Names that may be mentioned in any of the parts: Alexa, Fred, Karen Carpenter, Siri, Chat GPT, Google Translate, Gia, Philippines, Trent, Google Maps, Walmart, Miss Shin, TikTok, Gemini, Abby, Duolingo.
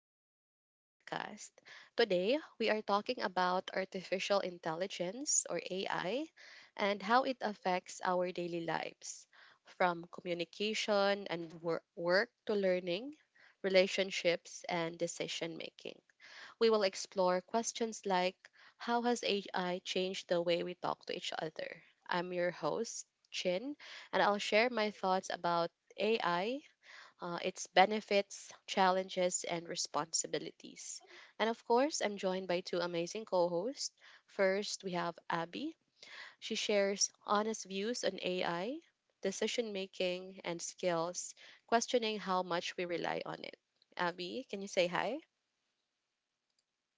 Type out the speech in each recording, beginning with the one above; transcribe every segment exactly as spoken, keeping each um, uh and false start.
back to our podcast. Today, we are talking about artificial intelligence, or A I, and how it affects our daily lives from communication and wor- work to learning, relationships, and decision making. We will explore questions like how has A I changed the way we talk to each other? I'm your host, Chin, and I'll share my thoughts about. A I uh, its benefits, challenges, and responsibilities. And of course, I'm joined by two amazing co hosts. First, we have Abby. She shares honest views on A I, decision making, and skills, questioning how much we rely on it. Abby, can you say hi?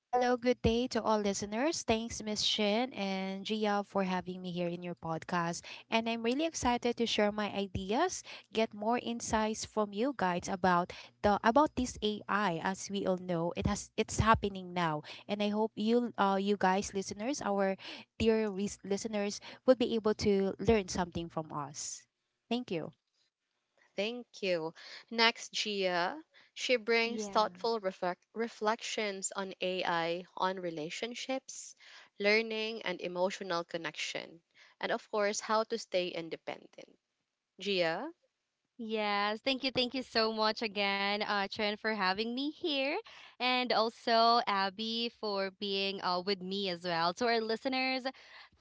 Hello, good day to all listeners. Thanks, Miss Shin and Gia, for having me here in your podcast. And I'm really excited to share my ideas, get more insights from you guys about the about this A I. As we all know, it has it's happening now, and I hope you, uh, you guys, listeners, our dear res- listeners, would be able to learn something from us. Thank you. Thank you. Next, Gia. She brings Yeah. thoughtful reflect- reflections on A I, on relationships, learning, and emotional connection, and of course, how to stay independent. Gia, Yes. Thank you. Thank you so much again, uh, Trent, for having me here. And also Abby for being uh, with me as well. To our listeners,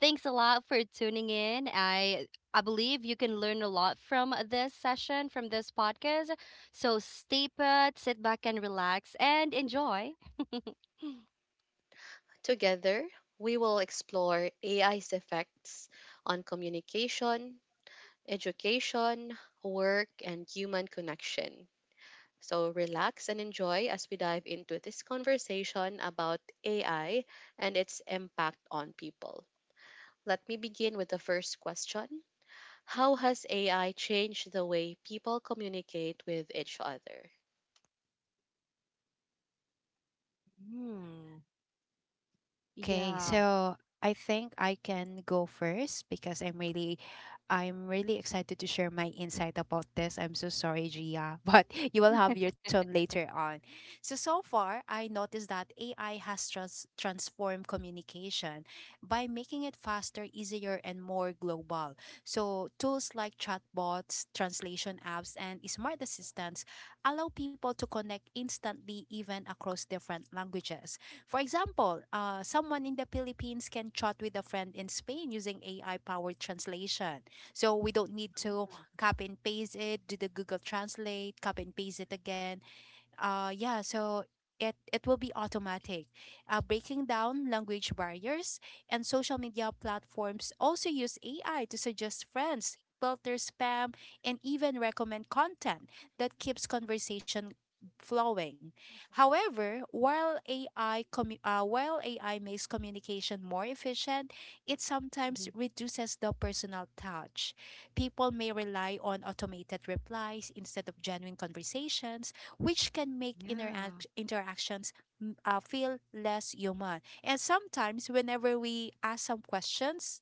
thanks a lot for tuning in. I I believe you can learn a lot from this session, from this podcast. So stay put, sit back and relax and enjoy. together, we will explore A I's effects on communication, education, work, and human connection. So relax and enjoy as we dive into this conversation about A I and its impact on people. Let me begin with the first question. How has A I changed the way people communicate with each other? Mm, Okay, yeah. so I think I can go first because I'm really I'm really excited to share my insight about this. I'm so sorry, Gia, but you will have your turn later on. So so far, I noticed that A I has trans- transformed communication by making it faster, easier, and more global. So tools like chatbots, translation apps, and smart assistants allow people to connect instantly even across different languages. For example, uh, someone in the Philippines can chat with a friend in Spain using A I powered translation. So we don't need to copy and paste it, do the Google Translate, copy and paste it again uh yeah so it it will be automatic, uh, breaking down language barriers. And social media platforms also use AI to suggest friends, filter spam, and even recommend content that keeps conversation flowing. However, while ai commu- uh, while AI makes communication more efficient, it sometimes Mhm. reduces the personal touch. People may rely on automated replies instead of genuine conversations, which can make Yeah. interact- interactions mm, uh, feel less human. And sometimes, whenever we ask some questions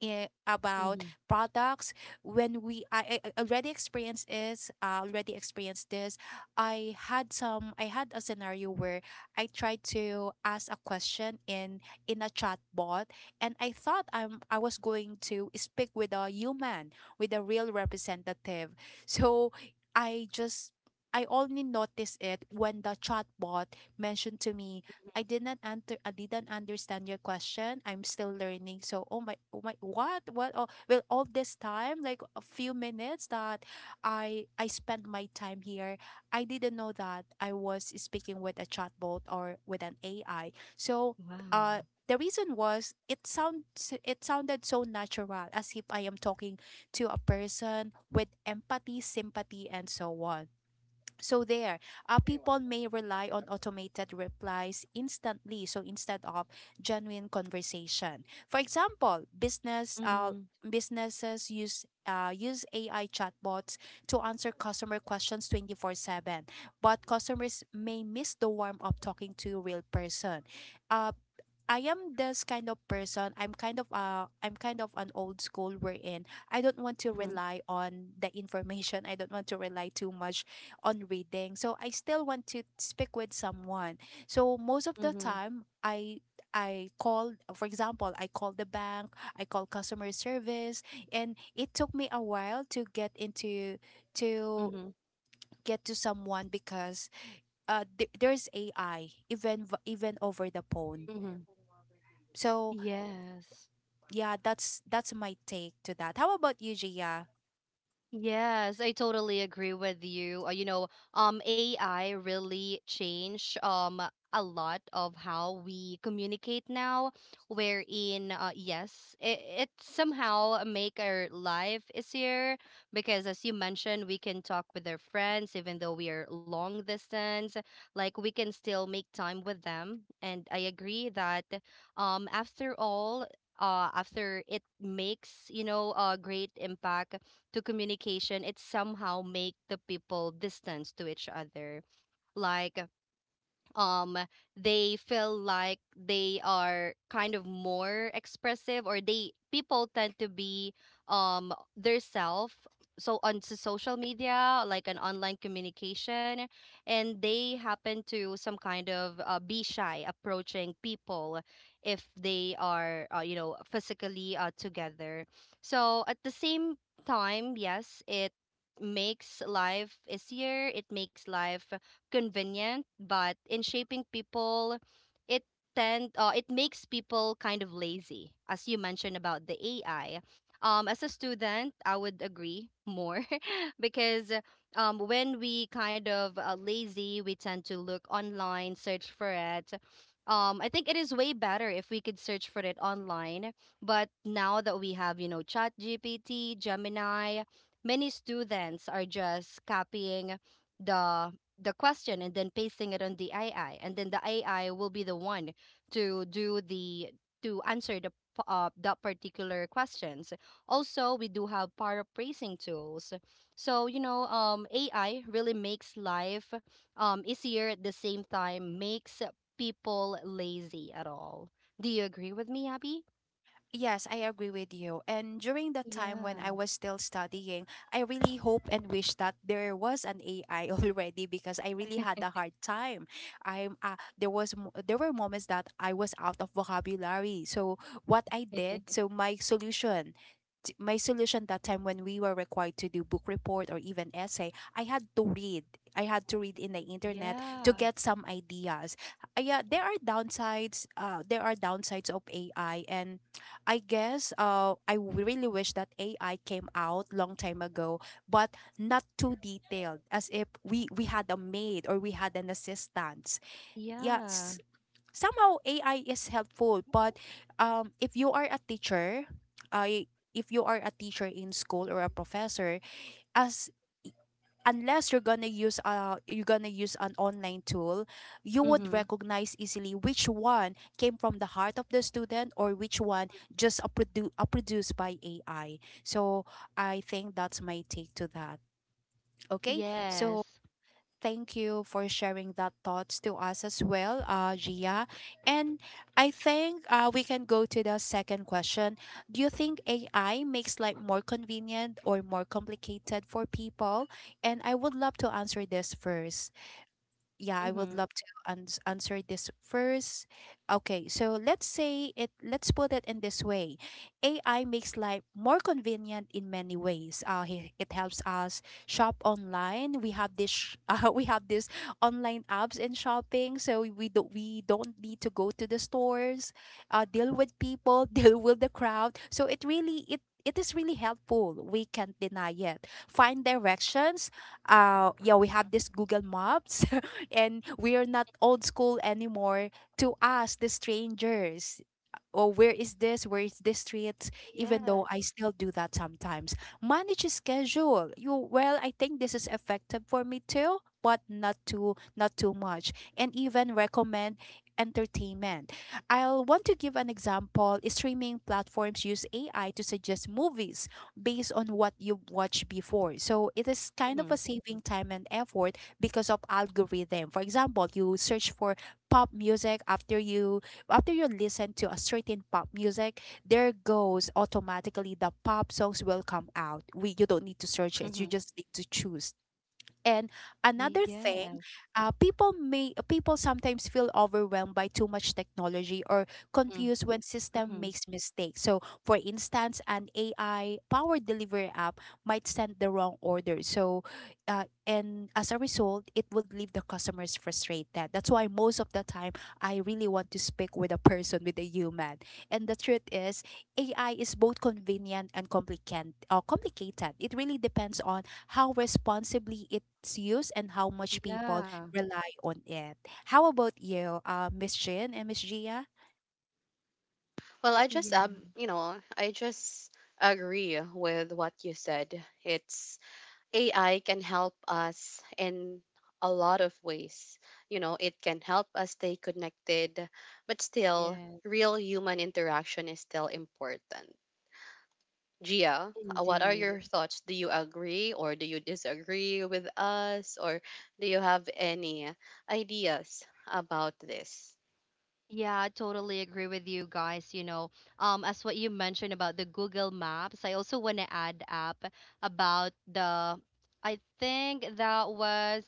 in, hmm about products, when we I, I I already experienced this I already experienced this. I had some I had a scenario where I tried to ask a question in in a chat bot, and I thought I'm I was going to speak with a human, with a real representative. So I just, I only noticed it when the chatbot mentioned to me, I did not answer, I didn't understand your question, I'm still learning. So, oh my, oh my, what, what? Oh, well, all this time, like a few minutes that I I spent my time here, I didn't know that I was speaking with a chatbot or with an A I. So, uh, Wow. the reason was it sounds it sounded so natural, as if I am talking to a person with empathy, sympathy, and so on. So there, uh, people may rely on automated replies instantly, so instead of genuine conversation. For example, business uh, hmm businesses use uh, use A I chatbots to answer customer questions twenty four seven, but customers may miss the warmth of talking to a real person. Uh, I am this kind of person. I'm kind of uh I'm kind of an old school, wherein I don't want to hmm rely on the information. I don't want to rely too much on reading. So I still want to speak with someone. So most of the hmm time I I called, for example, I called the bank, I called customer service, and it took me a while to get into to hmm get to someone because uh th- there's A I even v- even over the phone. Mm-hmm. So Yes. yeah, that's that's my take to that. How about you, Gia? Yes, I totally agree with you. Uh, you know, um, A I really changed um a lot of how we communicate now, wherein uh, yes, it, it somehow make our life easier because as you mentioned, we can talk with our friends even though we are long distance, like we can still make time with them. And I agree that um after all, uh, after it makes you know a great impact to communication, it somehow make the people distance to each other. Like um they feel like they are kind of more expressive or they people tend to be um their self so on to social media like an online communication, and they happen to some kind of uh, be shy approaching people if they are uh, you know physically uh, together. So at the same time, yes, it makes life easier, it makes life convenient, but in shaping people, it tend uh, it makes people kind of lazy, as you mentioned about the A I. Um, as a student, I would agree more because um, when we kind of uh, lazy, we tend to look online, search for it. Um, I think it is way better if we could search for it online. But now that we have, you know, Chat G P T, Gemini, many students are just copying the the question and then pasting it on the A I, and then the A I will be the one to do the to answer the p- uh, that particular questions. Also, we do have paraphrasing tools. So you know, um, A I really makes life um easier. At the same time, makes people lazy at all. Do you agree with me, Abby? Yes, I agree with you. And during the time when I Yeah. was still studying, I really hope and wish that there was an A I already because I really had a hard time. I'm uh, there was mo- There were moments that I was out of vocabulary. So what I did, so my solution t- my solution that time, when we were required to do book report or even essay, I had to read. I had to read in the internet to Yeah. get some ideas. Uh, yeah, there are downsides. Uh, there are downsides of A I, and I guess uh I w- really wish that A I came out long time ago, but not too detailed, as if we we had a maid or we had an assistant. Yeah, Yeah. somehow A I is helpful, but um, if you are a teacher, I if you are a teacher in school or a professor, as unless you're gonna use uh you're gonna use an online tool, you would Mhm. recognize easily which one came from the heart of the student or which one just a, produ- a produced by A I. So I think that's my take to that. Okay, so Yes. thank you for sharing that thoughts to us as well, uh, Gia. And I think uh, we can go to the second question. Do you think A I makes life more convenient or more complicated for people? And I would love to answer this first yeah, I would Mhm. love to ans answer this first. Okay, so let's say it, let's put it in this way. A I makes life more convenient in many ways. Uh, he- it helps us shop online. We have this sh- uh, we have this online apps in shopping, so we don't we don't need to go to the stores, uh, deal with people, deal with the crowd. So it really, it it is really helpful. We can't deny it. Find directions, uh yeah we have this Google Maps and we are not old school anymore to us, the strangers, or where is this, where is this street, even Yeah. though I still do that sometimes. Manage a schedule. You Well, I think this is effective for me too, but not too not too much. And even recommend entertainment. I'll want to give an example. Streaming platforms use A I to suggest movies based on what you've watched before. So it is kind of Mhm. a saving time and effort because of algorithm. For example, you search for pop music after you after you listen to a certain pop music, there goes automatically, the pop songs will come out. We You don't need to search it. You Mhm. just need to choose. And another Yes. thing, uh, people may people sometimes feel overwhelmed by too much technology or Mm, confused when system mhm. makes mistakes. So, for instance, an A I powered delivery app might send the wrong order. So, uh, and as a result, it would leave the customers frustrated. That's why most of the time I really want to speak with a person, with a human. And the truth is, A I is both convenient and complicated. Uh, complicated. It really depends on how responsibly it's used and how much people Yeah. rely on it. How about you, uh, Miss Chin and Miss Gia? Well, I just, Yeah. um, you know, I just agree with what you said. It's A I can help us in a lot of ways. You know, it can help us stay connected, but still, Yes. real human interaction is still important. Gia, uh, what are Indeed. your thoughts? Do you agree or do you disagree with us? Or do you have any ideas about this? Yeah, I totally agree with you guys. You know, um, as what you mentioned about the Google Maps, I also want to add up about the, I think that was…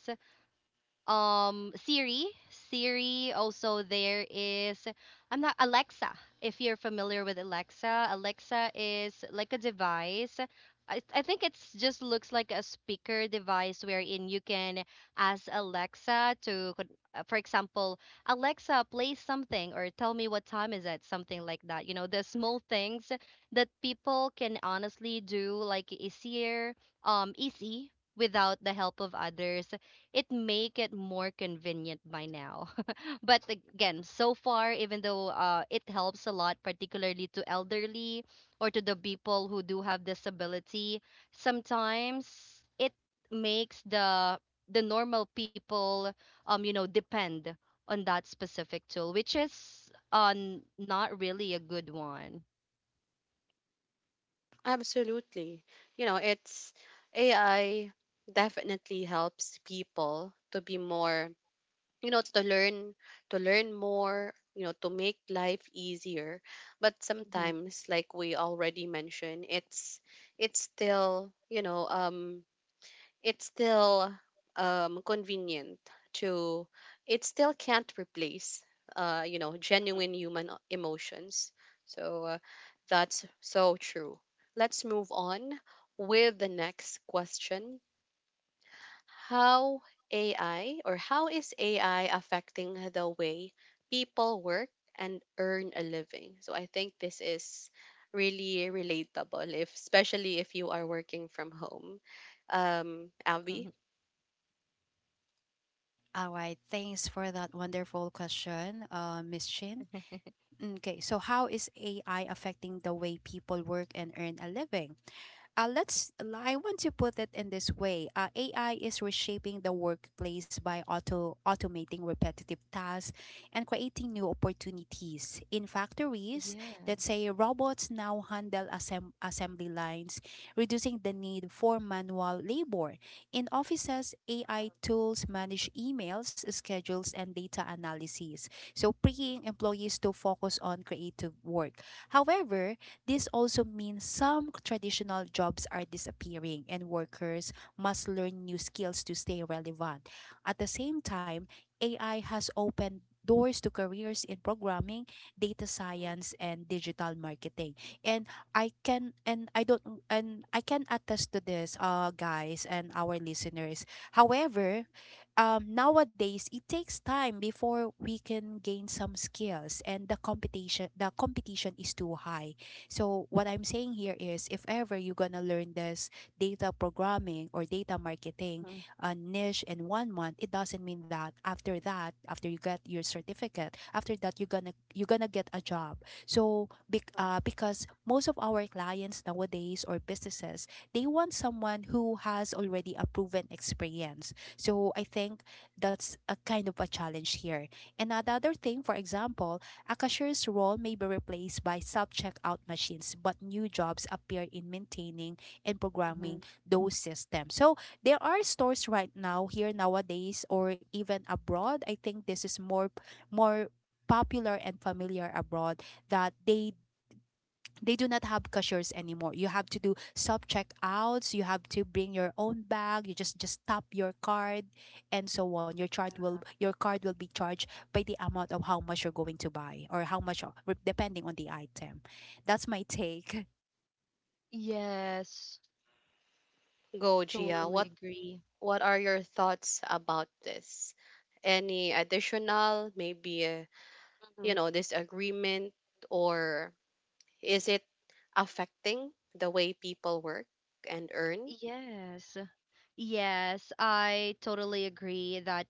um Siri. Siri also, there is… I'm not Alexa. If you're familiar with Alexa, Alexa is like a device. I, I think it's just looks like a speaker device wherein you can ask Alexa to con- uh, for example, Alexa, play something or tell me what time is it, something like that. You know, the small things that people can honestly do like easier, um easy, without the help of others, it make it more convenient by now. But again, so far, even though uh, it helps a lot, particularly to elderly or to the people who do have disability, sometimes it makes the the normal people, um, you know, depend on that specific tool, which is uh, n- not really a good one. Absolutely. You know, it's A I definitely helps people to be more, you know, to learn, to learn more, you know, to make life easier, but Mhm. sometimes, like we already mentioned, it's it's still, you know um it's still, um convenient to, it still can't replace uh you know genuine human o- emotions. So uh, that's so true. Let's move on with the next question. How A I or how is A I affecting the way people work and earn a living? So I think this is really relatable, if especially if you are working from home. Um, Abby, Mhm. All right, thanks for that wonderful question, uh, Miss Chin. Mm, Okay, so how is A I affecting the way people work and earn a living? Uh, let's. I want to put it in this way: uh, A I is reshaping the workplace by auto automating repetitive tasks and creating new opportunities. In factories, let's Yes. say, robots now handle assemb- assembly lines, reducing the need for manual labor. In offices, A I tools manage emails, schedules, and data analysis, so freeing employees to focus on creative work. However, this also means some traditional jobs are disappearing and workers must learn new skills to stay relevant. At the same time, A I has opened doors to careers in programming, data science, and digital marketing. And I can and I don't and I can attest to this, uh, guys and our listeners. However, um, nowadays it takes time before we can gain some skills, and the competition the competition is too high. So what I'm saying here is, if ever you're gonna learn this data programming or data marketing uh, niche in one month, it doesn't mean that after that, after you get your certificate, after that you're gonna, you're gonna get a job. So bec- uh, because most of our clients nowadays or businesses, they want someone who has already a proven experience. So I think that's a kind of a challenge here. And another thing, for example, a cashier's role may be replaced by self checkout machines, but new jobs appear in maintaining and Mhm. programming those systems. So there are stores right now here nowadays or even abroad. I think this is more more popular and familiar abroad, that they they do not have cashiers anymore. You have to do self checkouts. You have to bring your own bag. You just just tap your card, and so on. Your charge will your card will be charged by the amount of how much you're going to buy, or how much re- depending on the item. That's my take. Yes. go Gia. Totally What agree. what are your thoughts about this? Any additional, maybe, uh, you Mhm. know, disagreement, or is it affecting the way people work and earn? Yes. Yes, I totally agree that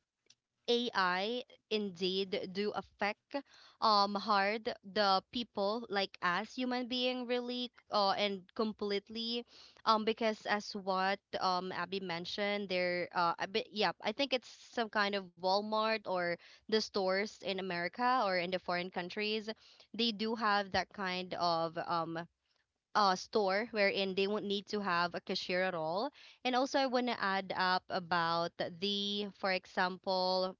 A I indeed do affect um hard the people like us human being really uh, and completely. Um because as what um Abby mentioned there uh a bit, yeah, I think it's some kind of Walmart or the stores in America or in the foreign countries, they do have that kind of um uh, store wherein they won't need to have a cashier at all. And also, I want to add up about the, for example,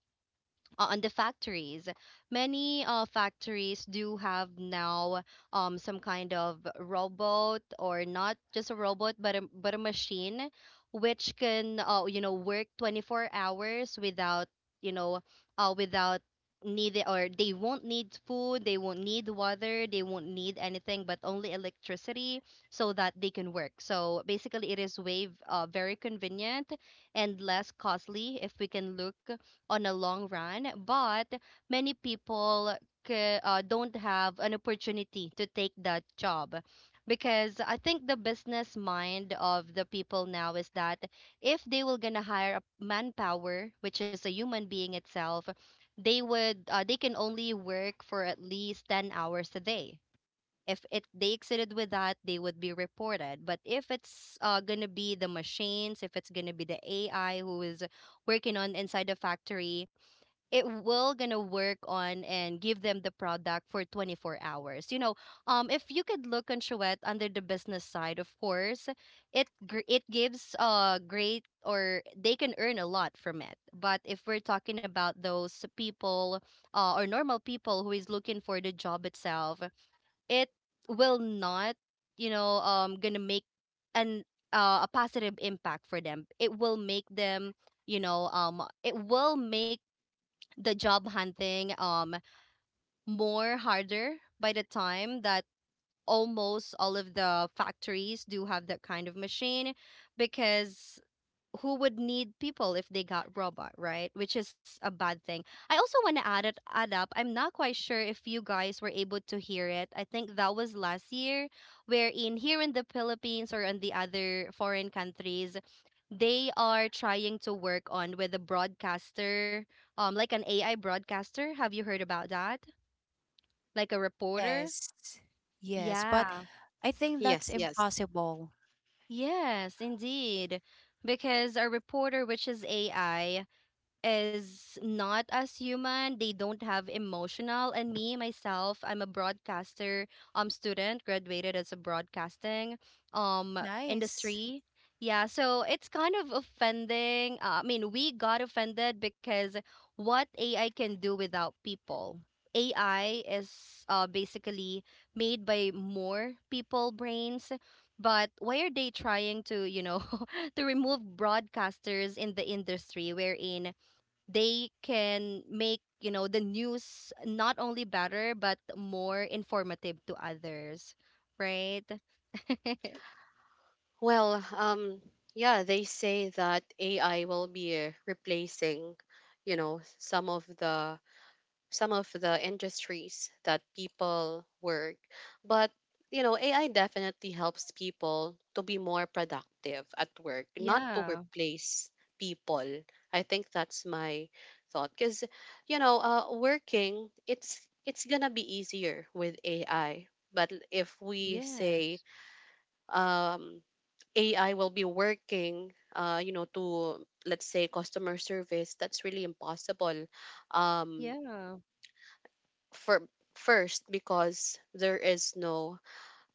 uh, on the factories. Many uh, factories do have now um, some kind of robot, or not just a robot, but a, but a machine, which can uh, you know work twenty four hours without you know uh, without need, or they won't need food, they won't need water, they won't need anything but only electricity, so that they can work. So basically, it is way v- uh, very convenient and less costly if we can look on a long run, but many people ca- uh, don't have an opportunity to take that job because I think the business mind of the people now is that if they were gonna hire a manpower, which is a human being itself, they would uh, they can only work for at least ten hours a day. If it they exceeded with that, they would be reported. But if it's uh, gonna be the machines, if it's gonna be the AI who is working on inside the factory, it will gonna work on and give them the product for twenty-four hours, you know. Um if you could look on Chouette under the business side, of course, it gr- it gives uh great, or they can earn a lot from it. But if we're talking about those people, uh, or normal people who is looking for the job itself, it will not, you know um gonna make an uh, a positive impact for them. It will make them, you know um it will make the job hunting um more harder by the time that almost all of the factories do have that kind of machine, because who would need people if they got robot, right? Which is a bad thing. I also want to add it add up. I'm not quite sure if you guys were able to hear it. I think that was last year, wherein here in the Philippines or in the other foreign countries, they are trying to work on with a broadcaster, um, like an A I broadcaster. Have you heard about that? Like a reporter? Yes, yes, but Yeah. I think that's Yes, yes. impossible. Yes, indeed. Because a reporter, which is A I, is not as human. They don't have emotional. And me, myself, I'm a broadcaster um student, graduated as a broadcasting um Mm, nice. industry. Yeah, so it's kind of offending. Uh, I mean, we got offended because what A I can do without people. A I is uh, basically made by more people brains, but why are they trying to, you know, to remove broadcasters in the industry, wherein they can make, you know, the news not only better but more informative to others, right? Well, um, yeah, they say that A I will be replacing, you know, some of the some of the industries that people work. But, you know, A I definitely helps people to be more productive at work, not to Yeah. replace people. I think that's my thought, cuz you know, uh working, it's it's going to be easier with A I. But if we say, Yes. um A I will be working, uh, you know, to, let's say, customer service, that's really impossible. Um, Yeah. for first, because there is no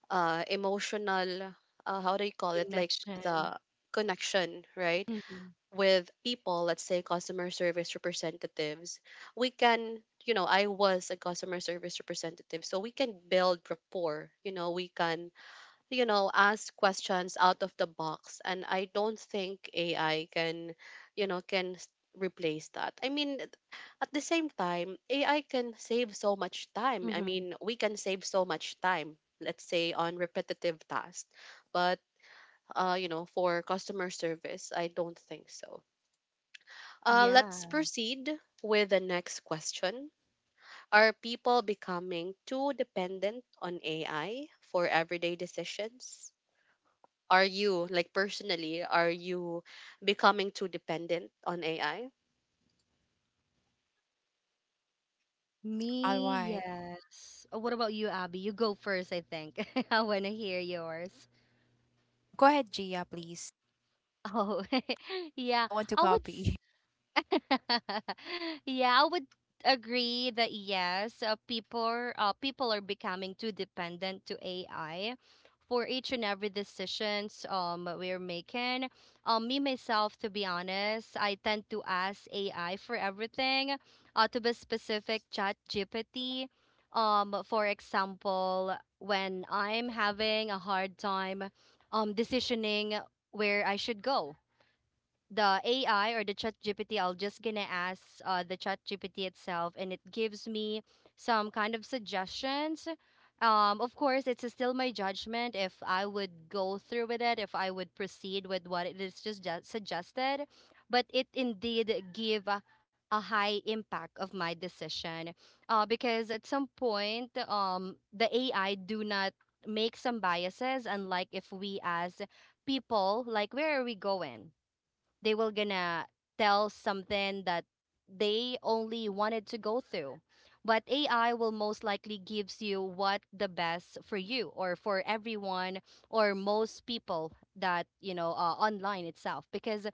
uh, emotional, uh, how do you call it, like Connection. the connection, right, Mm-hmm. with people. Let's say customer service representatives. We can. You know, I was a customer service representative, so we can build rapport. You know, we can, you know, ask questions out of the box. And I don't think A I can, you know, can s- replace that. I mean, th- at the same time, A I can save so much time. I Mm-hmm. mean, we can save so much time, let's say on repetitive tasks. But, uh, you know, for customer service, I don't think so. Uh, let's Yeah. proceed with the next question. Are people becoming too dependent on A I for everyday decisions? Are you, like personally, are you becoming too dependent on A I? All Me? right, Yes. Oh, what about you, Abby? You go first. I think I want to hear yours. go ahead, Gia, please. Oh. I Yeah. don't want to I would copy. Yeah, I would agree that yes, uh, people uh, people are becoming too dependent to A I for each and every decisions um we're making. Um, me myself, to be honest, I tend to ask A I for everything. Uh, to be specific, Chat G P T. Um, for example, when I'm having a hard time um decisioning where I should go, the A I or the chat G P T, I'll just gonna ask uh, the chat G P T itself, and it gives me some kind of suggestions. Um, of course, it's still my judgment if I would go through with it, if I would proceed with what it is just ju- suggested, but it indeed give a, a high impact of my decision, uh, because at some point, um, the A I do not make some biases, unlike if we as people, like where are we going, they will gonna tell something that they only wanted to go through. But AI will most likely gives you what the best for you or for everyone or most people that, you know, uh, online itself, because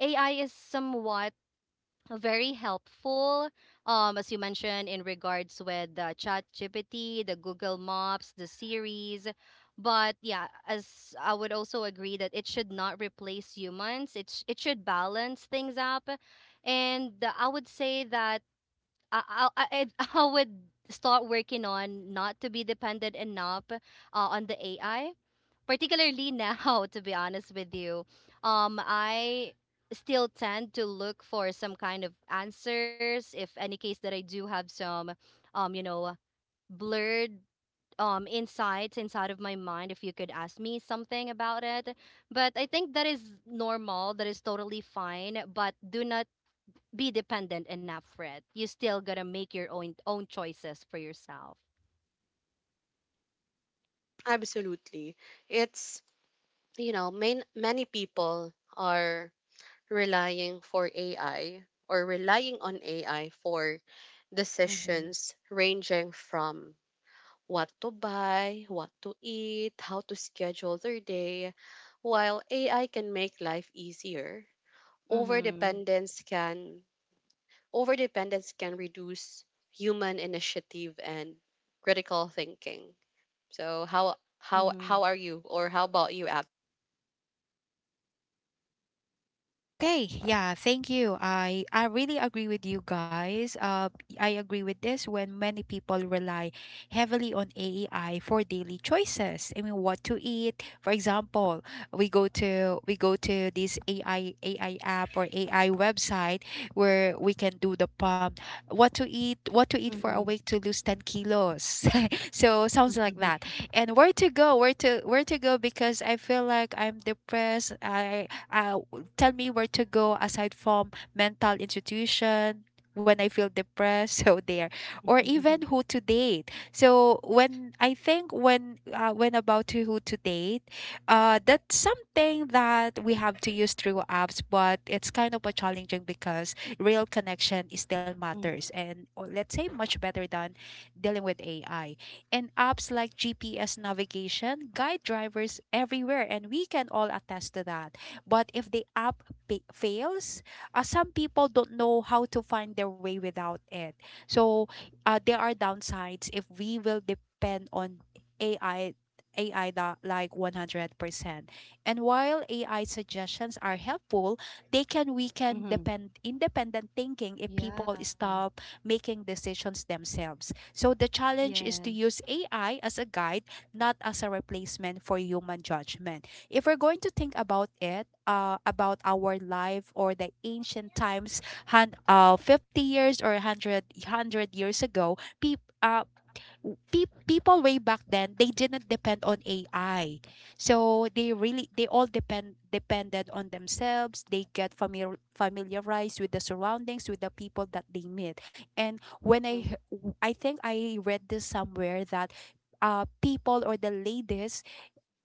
AI is somewhat very helpful, um as you mentioned in regards with the Chat GPT, the Google Maps, the Series. But yeah, as I would also agree that it should not replace humans. It's it should balance things up. And uh, I would say that i i, I, I would start working on not to be dependent enough uh, on the AI particularly now. To be honest with you, um I still tend to look for some kind of answers if any case that I do have some um you know blurred um insights inside of my mind if you could ask me something about it. But I think that is normal, that is totally fine, but do not be dependent enough, Fred. You still gotta make your own own choices for yourself. Absolutely. It's, you know, main, many people are relying for A I or relying on A I for Mm-hmm. decisions ranging from what to buy, what to eat, how to schedule their day. While A I can make life easier, Mm-hmm. overdependence can overdependence can reduce human initiative and critical thinking. So how how Mm-hmm. how are you, or how about you, Ab? Okay, yeah, thank you. I I really agree with you guys. Uh I agree with this, when many people rely heavily on A I for daily choices. I mean what to eat. For example, we go to we go to this A I A I app or A I website where we can do the pump, what to eat, what to eat for a Mm-hmm. week to lose ten kilos. So sounds like that. And where to go, where to where to go because I feel like I'm depressed. I uh, Tell me where to go aside from mental institution when I feel depressed. So there. Or Mm-hmm. even who to date. So when I think when uh, when about to who to date, uh, that's something that we have to use through apps, but it's kind of a challenging because real connection is still matters, and or let's say much better than dealing with A I. And apps like G P S navigation guide drivers everywhere, and we can all attest to that. But if the app pa- fails, uh, some people don't know how to find their way without it. So uh, there are downsides if we will depend on A I. A I that like one hundred percent. And while A I suggestions are helpful, they can weaken Mm-hmm. depend independent thinking if Yeah. people stop making decisions themselves. So the challenge is to Yes. use A I as a guide, not as a replacement for human judgment if we're going to think about it, uh, about our life or the ancient times, hun- uh, fifty years or one hundred, years ago, peop, uh, w- pe- people way back then they didn't depend on A I. So they really they all depend depended on themselves. They get familiar familiarized with the surroundings, with the people that they meet. And when I he- w- I think I read this somewhere that uh people or the ladies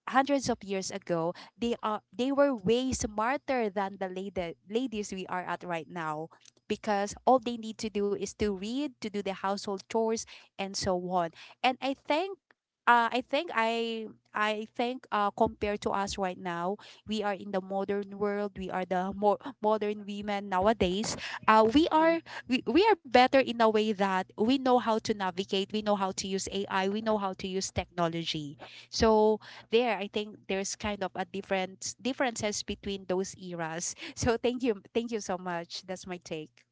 hundreds of years ago, they are they were way smarter than the lady, ladies we are at right now because all they need to do is to read, to do the household chores and so on. And I think uh, I think I I think uh, compared to us right now, we are in the modern world. We are the more modern women nowadays. Uh, we Mm-hmm. are we, we are better in a way that we know how to navigate. We know how to use A I. We know how to use technology. So there i think there's kind of a different differences between those eras. So thank you, thank you so much. That's my take.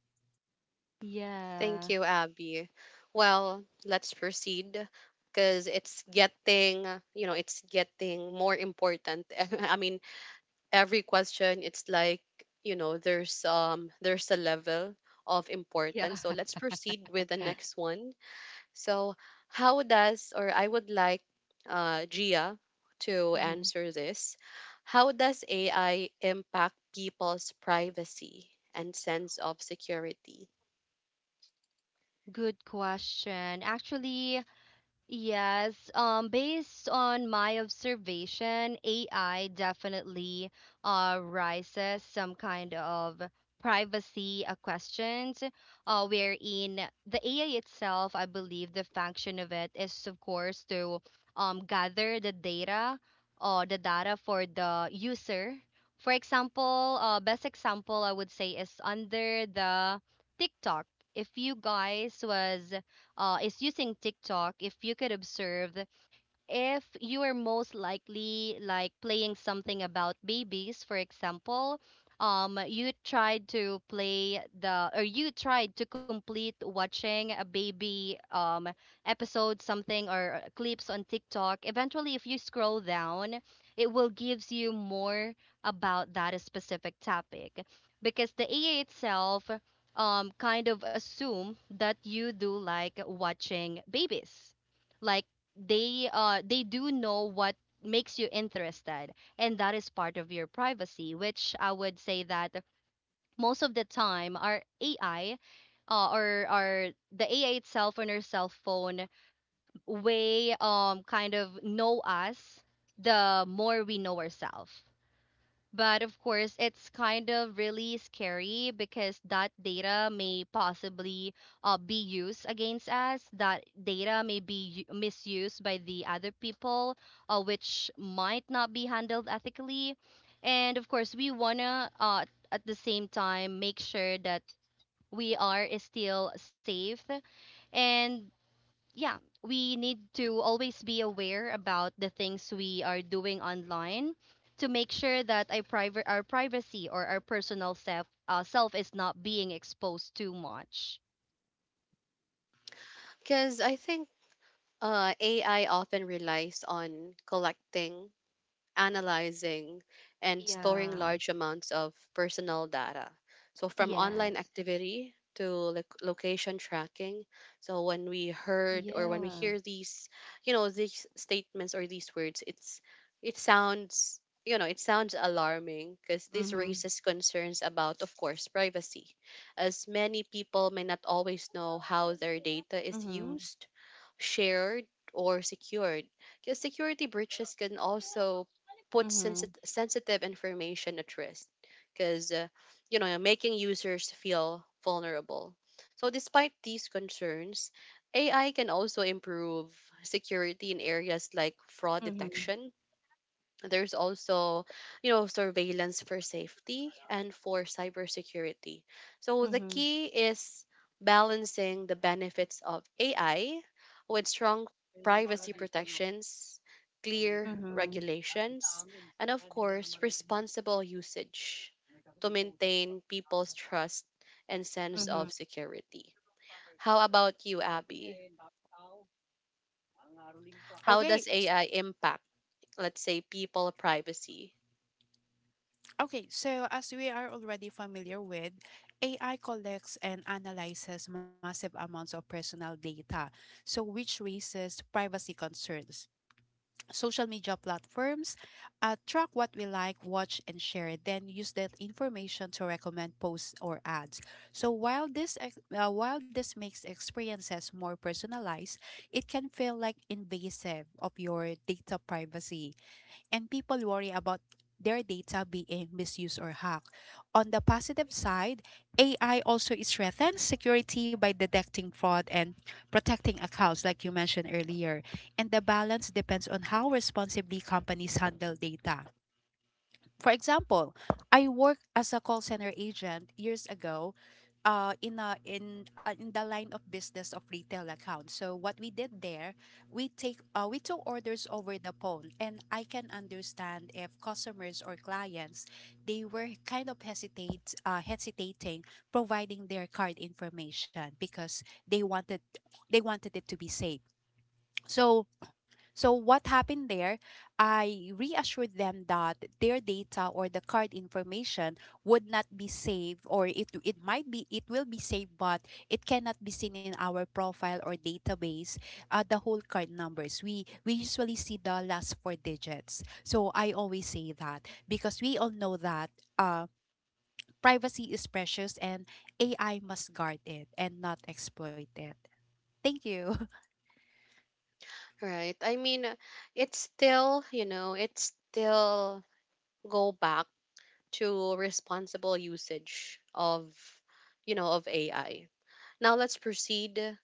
Yeah. Thank you, Abby. Well, let's proceed because it's getting, you know, it's getting more important. I mean, every question, it's like, you know, there's um there's a level of Yeah. importance. So let's proceed with the next one. So, how does, or I would like uh, Gia to Mm-hmm. answer this. How does A I impact people's privacy and sense of security? Good question. Actually, yes, um, based on my observation, A I definitely uh, raises some kind of privacy uh, questions, uh, wherein the A I itself, I believe the function of it is, of course, to um, gather the data or the data for the user. For example, uh, best example I would say is under the TikTok. If you guys was uh, is using TikTok, if you could observe, if you are most likely like playing something about babies, for example, um you tried to play the or you tried to complete watching a baby um episode something or uh, clips on TikTok. Eventually, if you scroll down, it will gives you more about that specific topic because the A I itself um kind of assume that you do like watching babies. Like, they uh they do know what makes you interested, and that is part of your privacy, which I would say that most of the time our AI uh, or or the AI itself on our cell phone way um kind of know us the more we know ourselves. But of course, it's kind of really scary because that data may possibly uh, be used against us. That data may be u- misused by the other people, uh, which might not be handled ethically. And of course, we want to, uh, at the same time, make sure that we are still safe and yeah, we need to always be aware about the things we are doing online to make sure that our, priva- our privacy or our personal self uh, self is not being exposed too much. Because I think uh, A I often relies on collecting, analyzing, and storing Yeah. large amounts of personal data. So, from online Yes. activity to loc- location tracking. So, when we heard, or when we Yeah. hear these, you know, these statements or these words, it's, it sounds, you know, it sounds alarming because this Mhm. raises concerns about, of course, privacy, as many people may not always know how their data is Mhm. used, shared, or secured. Because security breaches can also put Mhm. sensit- sensitive information at risk, because, uh, you know, making users feel vulnerable. So, despite these concerns, A I can also improve security in areas like fraud Mhm. detection. There's also, you know, surveillance for safety and for cybersecurity. So the Mhm. key is balancing the benefits of A I with strong privacy protections, clear regulations, and of course, responsible usage to maintain people's trust and sense of Mhm. security. How about you, Abby? How does Okay, s- A I impact, let's say, people privacy? okay. So as we are already familiar with, A I collects and analyzes massive amounts of personal data, so which raises privacy concerns. Social media platforms, uh, track what we like, watch, and share, then use that information to recommend posts or ads. So while this ex- uh, while this makes experiences more personalized, it can feel like invasive of your data privacy and people worry about their data being misused or hacked. On the positive side, A I also strengthens security by detecting fraud and protecting accounts, like you mentioned earlier. And the balance depends on how responsibly companies handle data. For example, I worked as a call center agent years ago uh, in, a, in, uh, in the line of business of retail accounts. So what we did there, we take uh, we took orders over the phone and I can understand if customers or clients, they were kind of hesitate, uh, hesitating providing their card information because they wanted they wanted it to be safe. So so what happened there, I reassured them that their data or the card information would not be saved, or it it might be it will be saved, but it cannot be seen in our profile or database, uh, the whole card numbers. We we usually see the last four digits. So I always say that because we all know that uh, privacy is precious and A I must guard it and not exploit it. Thank you. Right. I mean, uh, it's still, you know, it's still go back to responsible usage of, you know, of A I. Now let's proceed.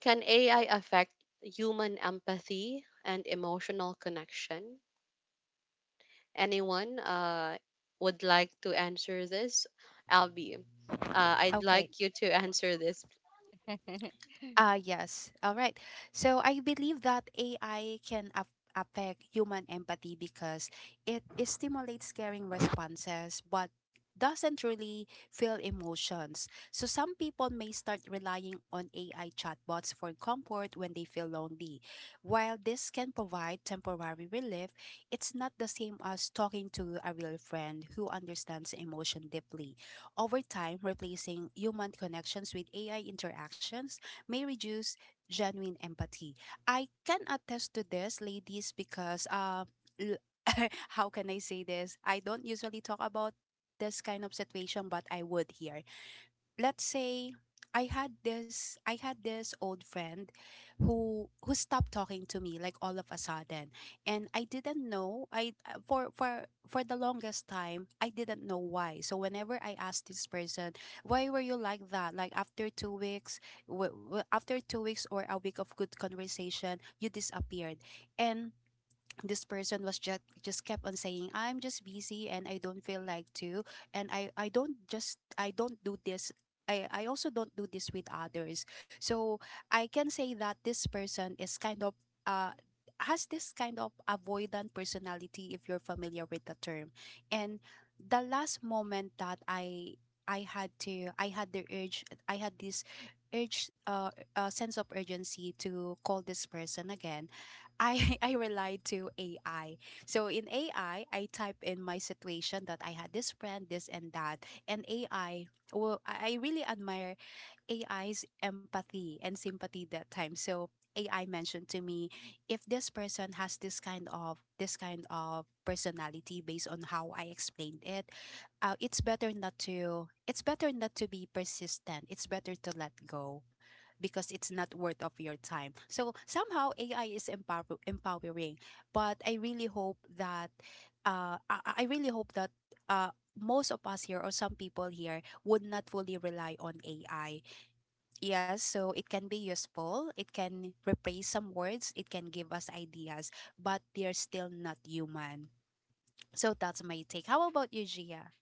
Can A I affect human empathy and emotional connection? Anyone uh, would like to answer this? Albie, uh, I'd Okay. like you to answer this. Ah, yes. All right. So I believe that A I can af- affect human empathy because it stimulates caring responses, but doesn't really feel emotions. So some people may start relying on A I chatbots for comfort when they feel lonely. While this can provide temporary relief, it's not the same as talking to a real friend who understands emotion deeply. Over time, replacing human connections with A I interactions may reduce genuine empathy. I can attest to this, ladies, because uh, l- how can I say this? I don't usually talk about this kind of situation, but I would here. Let's say I had this I had this old friend who who stopped talking to me like all of a sudden and I didn't know. I uh, For for for the longest time I didn't know why. So whenever I asked this person, why were you like that? Like after two weeks, w- w- after two weeks or a week of good conversation you disappeared. And this person was just just kept on saying, I'm just busy and I don't feel like to. And i i don't just, I don't do this. I, I also don't do this with others. So I can say that this person is kind of uh has this kind of avoidant personality, if you're familiar with the term. And the last moment that I I had to I had the urge I had this urge, uh, uh sense of urgency to call this person again, I I relied to A I. So in A I, I I type in my situation that I had this friend, this and that, and A I. Well, I I really admire A I's empathy and sympathy that time. So A I mentioned to me if this person has this kind of this kind of personality based on how I explained it, uh, it's better not to it's better not to be persistent. It's better to let go because it's not worth of your time. So somehow A I is empower- empowering, but I really hope that uh, I-, I really hope that uh, most of us here or some people here would not fully rely on A I. Yes, so it can be useful. It can replace some words. It can give us ideas, but they're still not human. So that's my take. How about you, Gia?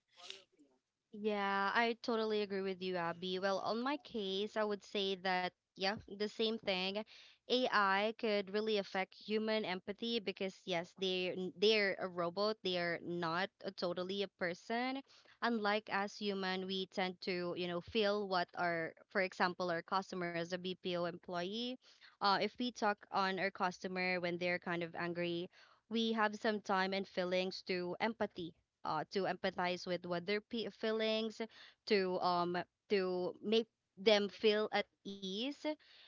Yeah, I totally agree with you, Abby. Well, on my case, I would say that, yeah, the same thing. A I could really affect human empathy because yes, they they're a robot, they are not a, totally a person. Unlike us human, we tend to, you know, feel what our, for example, our customer as a B P O employee. Uh, if we talk on our customer when they're kind of angry, we have some time and feelings to empathy uh, to empathize with what their pe- feelings, to um to make them feel at ease.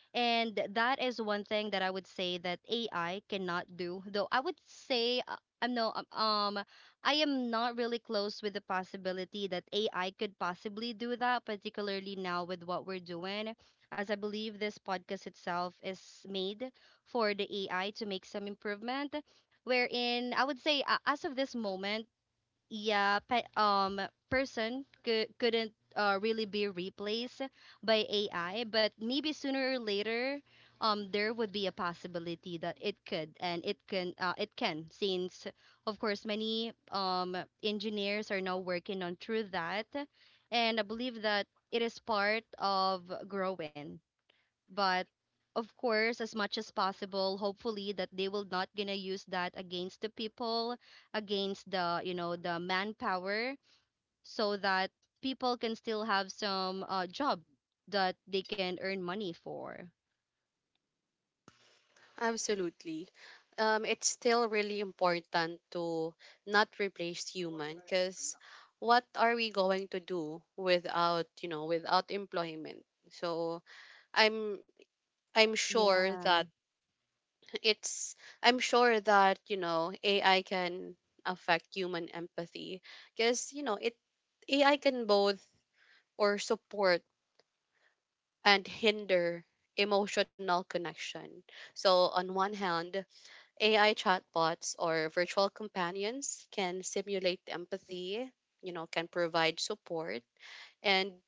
And that is one thing that I would say that A I cannot do. Though I would say uh, I'm no um um, I am not really close with the possibility that A I could possibly do that, particularly now with what we're doing, as I believe this podcast itself is made for the A I to make some improvement. Wherein I would say, uh, as of this moment, yeah pe- um person cou- couldn't uh, really be replaced by A I, but maybe sooner or later um there would be a possibility that it could and it can uh, it can since of course many um engineers are now working on through that, and I believe that it is part of growing. But of course, as much as possible, hopefully that they will not gonna use that against the people, against the, you know, the manpower, so that people can still have some uh, job that they can earn money for. Absolutely. Um, it's still really important to not replace human because what are we going to do without, you know, without employment? So I'm I'm sure that Yeah. it's I'm sure that, you know, A I can affect human empathy because, you know, it A I can both, or support and hinder emotional connection. So on one hand, A I chatbots or virtual companions can simulate empathy, you know, can provide support and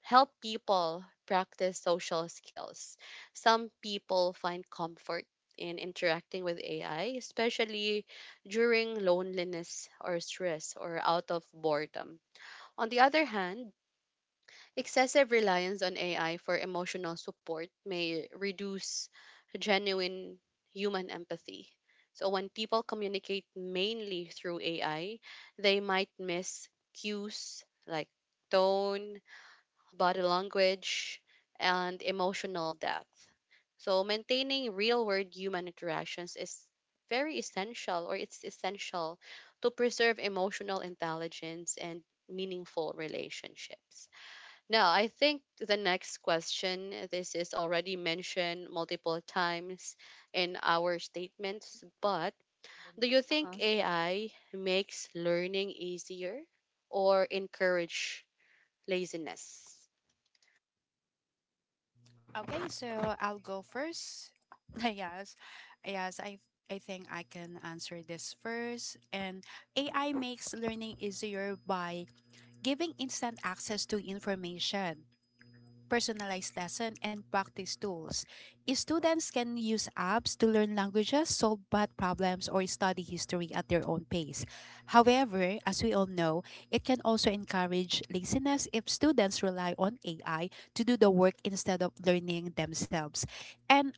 help people practice social skills. Some people find comfort in interacting with A I, especially during loneliness or stress or out of boredom. On the other hand, excessive reliance on A I for emotional support may reduce genuine human empathy. So, when people communicate mainly through A I, they might miss cues like tone, body language, and emotional depth. So, maintaining real world human interactions is very essential, or it's essential to preserve emotional intelligence and meaningful relationships. Now I think the next question, this is already mentioned multiple times in our statements, but do you think Uh-huh. A I makes learning easier or encourage laziness? Okay, so I'll go first. Yes, yes, I I think I can answer this first. And A I makes learning easier by giving instant access to information, personalized lesson, and practice tools. Students can use apps to learn languages, solve math problems, or study history at their own pace. However, as we all know, it can also encourage laziness if students rely on A I to do the work instead of learning themselves. And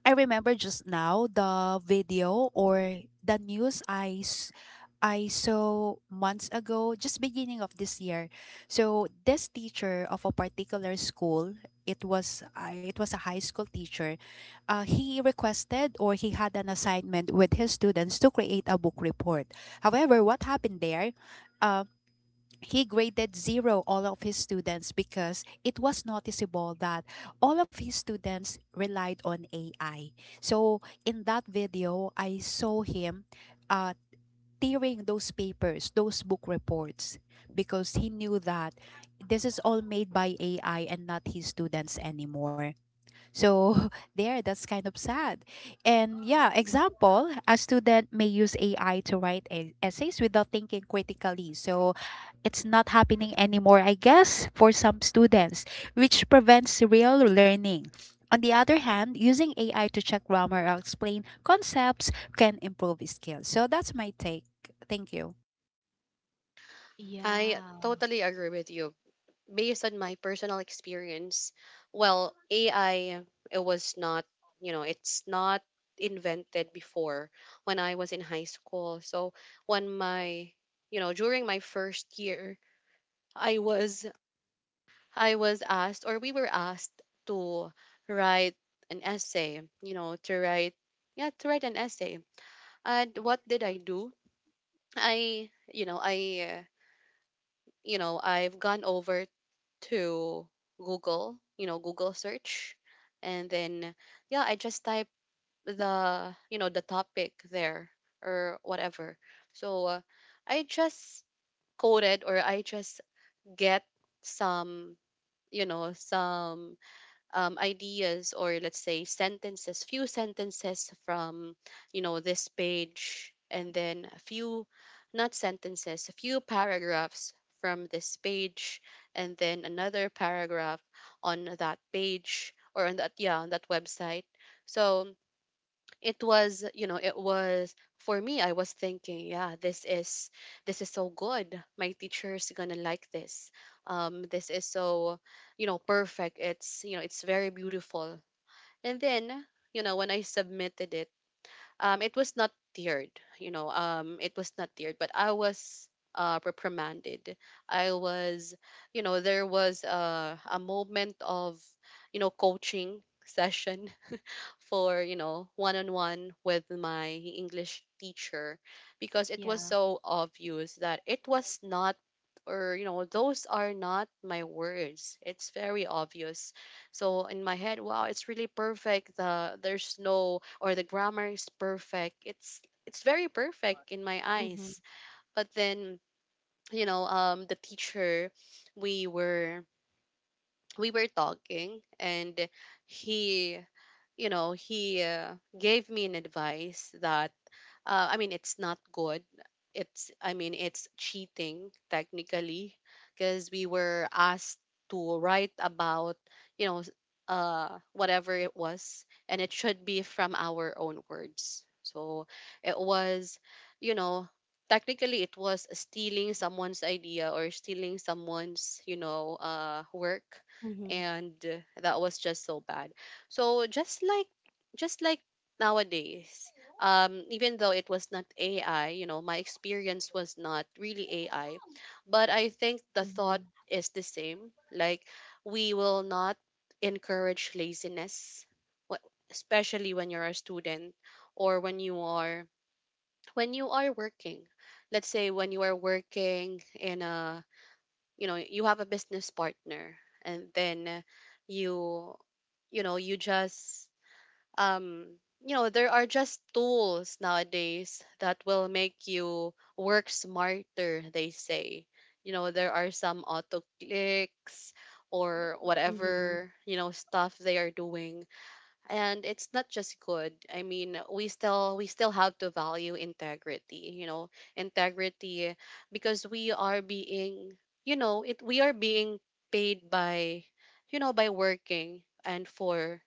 I remember just now the video or the news I s- I saw months ago, just beginning of this year. So this teacher of a particular school, it was uh, it was a high school teacher. Uh, he requested, or he had an assignment with his students to create a book report. However, what happened there? um, he graded zero all of his students because it was noticeable that all of his students relied on A I. So in that video, I saw him uh, tearing those papers, those book reports, because he knew that this is all made by A I and not his students anymore. So there, that's kind of sad. And yeah, example, a student may use A I to write e- essays without thinking critically. So it's not happening anymore, I guess, for some students, which prevents real learning. On the other hand, using A I to check grammar or explain concepts can improve skills. So that's my take. Thank you. I Yeah. totally agree with you. Based on my personal experience, well, A I it was not, you know, it's not invented before when I was in high school. So when my, you know, during my first year, I was I was asked, or we were asked to write an essay, you know, to write, yeah, to write an essay. And what did I do? I, you know, I uh, you know, I've gone over to Google, you know, Google search, and then, yeah, I just type the, you know, the topic there or whatever. So uh, I just coded, or I just get some, you know, some um, ideas, or let's say sentences, few sentences from, you know, this page, and then a few, not sentences, a few paragraphs from this page, and then another paragraph on that page, or on that, yeah, on that website. So it was, you know, it was, for me I was thinking, yeah, this is, this is so good, my teacher's gonna like this. Um this is so, you know, perfect. It's, you know, it's very beautiful. And then, you know, when I submitted it, um it was not tiered, you know, um it was not tiered, but I was uh reprimanded. I was, you know, there was a, a moment of, you know, coaching session, for, you know, one-on-one with my English teacher, because it was Yeah. so obvious that it was not, or you know, those are not my words, it's very obvious. So in my head, wow, it's really perfect, the there's no, or the grammar is perfect, it's it's very perfect in my Mm-hmm. eyes. But then, you know, um the teacher, we were we were talking, and he, you know, he uh, gave me an advice that uh, I mean, it's not good. It's, I mean, it's cheating technically, because we were asked to write about, you know, s- uh, whatever it was, and it should be from our own words. So it was, you know, technically it was stealing someone's idea, or stealing someone's, you know, uh, work. Mm-hmm. And uh, that was just so bad. So just like, just like nowadays, um, even though it was not A I, you know, my experience was not really A I, but I think the thought is the same. Like we will not encourage laziness, wh- especially when you're a student, or when you are, when you are working. Let's say when you are working in a, you know, you have a business partner, and then you you know you just um you know there are just tools nowadays that will make you work smarter, they say. You know, there are some auto clicks or Mm. whatever, you know, stuff they are doing. And it's not just good. I mean, we still we still have to value integrity, you know. Integrity, because we are being, you know, it we are being paid by, you know, by working and for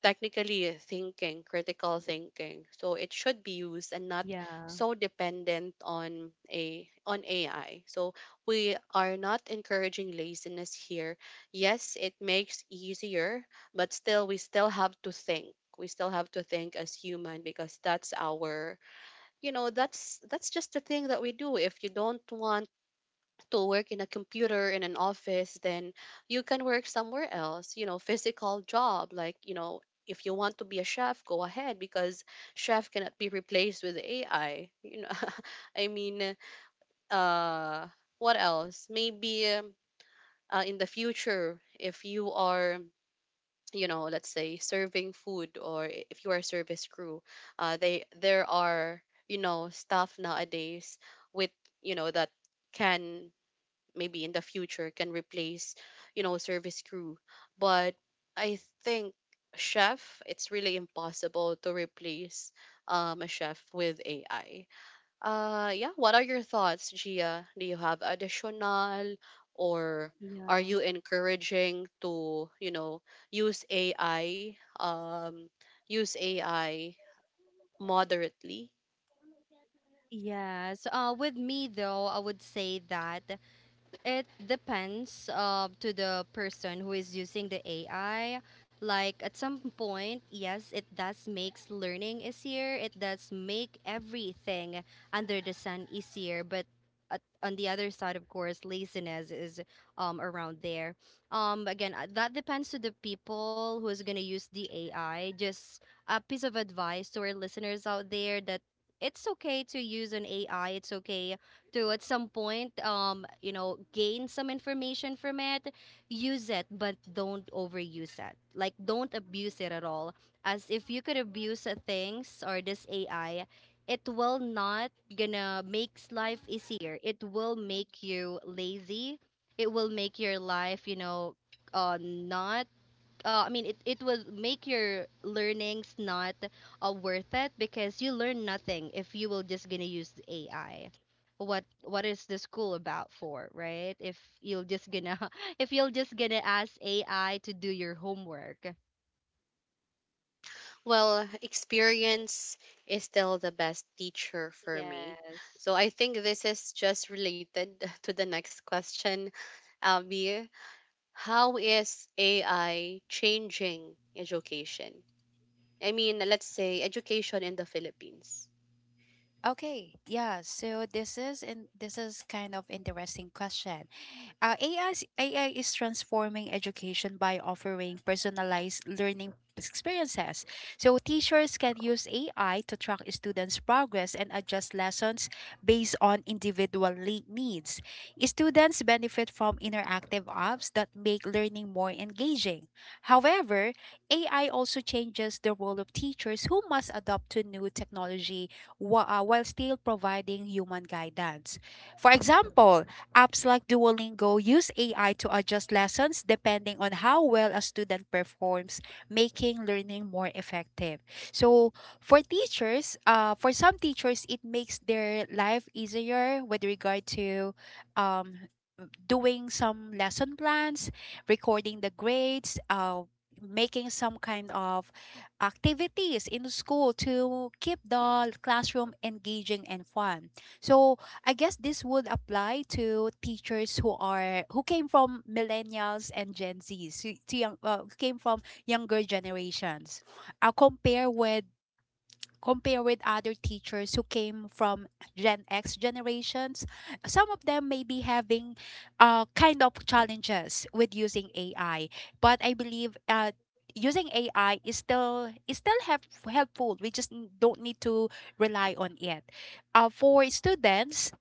technically thinking, critical thinking. So it should be used and not Yeah. so dependent on a on A I. So we are not encouraging laziness here. Yes, it makes easier, but still we still have to think. We still have to think as human, because that's our, you know, that's that's just the thing that we do. If you don't want to work in a computer in an office, then you can work somewhere else, you know, physical job. Like, you know, if you want to be a chef, go ahead, because chef cannot be replaced with ai, you know. I mean, uh what else? Maybe um, uh, in the future, if you are, you know, let's say serving food, or i- if you are a service crew, uh they there are, you know, staff nowadays with, you know, that can maybe in the future can replace, you know, service crew. But I think chef, it's really impossible to replace um, a chef with ai. Uh yeah, what are your thoughts, Gia? Do you have additional or are Yeah. you encouraging to, you know, use ai? Um use ai moderately? Yes. Uh, with me though, I would say that. It depends uh, to the person who is using the A I. Like at some point, yes, it does makes learning easier. It does make everything under the sun easier. But at, on the other side, of course, laziness is um around there. Um, again, uh, that depends to the people who is gonna use the A I. Just a piece of advice to our listeners out there that. It's okay to use an A I. It's okay to at some point um you know gain some information from it, use it, but don't overuse it, like don't abuse it at all. As if you could abuse uh, things or this AI, it will not gonna makes life easier, it will make you lazy, it will make your life, you know, uh, not uh, I mean, it, it will make your learnings not uh, worth it because you learn nothing if you will just gonna use the A I. What what is the school about for, right? If you'll just gonna if you'll just gonna ask A I to do your homework. Well, experience is still the best teacher for me. Yes. So I think this is just related to the next question, Abby. How is A I changing education? I mean, let's say education in the Philippines. Okay, yeah. So this is in this is kind of interesting question. Uh, A I is, A I is transforming education by offering personalized learning experiences. So teachers can use A I to track students' progress and adjust lessons based on individual le- needs. Students benefit from interactive apps that make learning more engaging. However, A I also changes the role of teachers who must adapt to new technology wh- uh, while still providing human guidance. For example, apps like Duolingo use A I to adjust lessons depending on how well a student performs, making learning more effective. So, for teachers, uh, for some teachers, it makes their life easier with regard to um, doing some lesson plans, recording the grades, uh, making some kind of activities in school to keep the classroom engaging and fun. So I guess this would apply to teachers who are who came from millennials and Gen Zs, to, to young, uh, came from younger generations. I compare with Compare with other teachers who came from Gen X generations, some of them may be having uh, kind of challenges with using A I. But I believe uh, using A I is still is still help, helpful. We just n- don't need to rely on it. Uh, for students,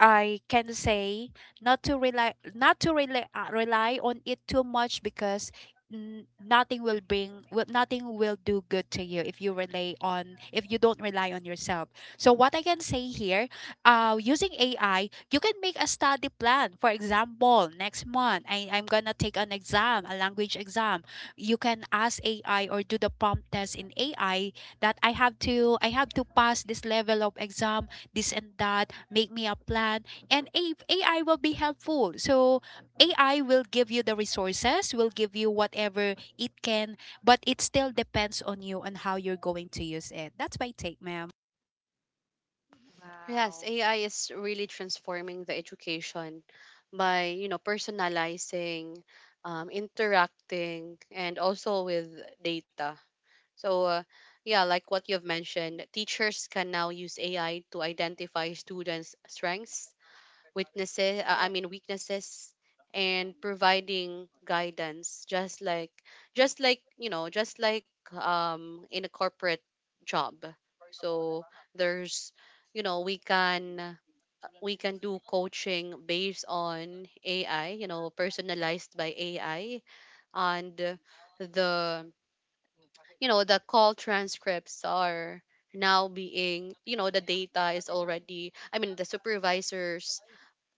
I can say not to rely not to rely uh, rely on it too much because n- nothing will bring will, nothing will do good to you if you rely on if you don't rely on yourself. So what I can say here, uh, using AI, you can make a study plan. For example, next month I, I'm gonna take an exam, a language exam. You can ask AI or do the prompt test in AI that i have to i have to pass this level of exam, this and that, make me a plan. And A- AI will be helpful. So A I will give you the resources, will give you whatever it can, but it still depends on you on how you're going to use it. That's my take, ma'am. Yes, Wow. A I is really transforming the education by, you know, personalizing, um, interacting, and also with data. So, uh, yeah, like what you've mentioned, teachers can now use A I to identify students' strengths, weaknesses, uh, I mean weaknesses, and providing guidance, just like, just like you know, just like, um in a corporate job. So there's, you know, we can uh, we can do coaching based on A I, you know, personalized by A I. And the, you know, the call transcripts are now being, you know, the data is already, I mean, the supervisors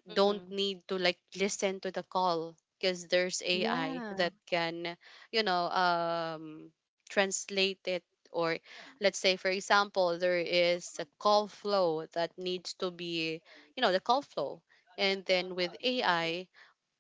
don't Mm-hmm. need to like listen to the call because there's ai Yeah. that can, you know, um translate it. Or let's say for example there is a call flow that needs to be, you know, the call flow, and then with ai,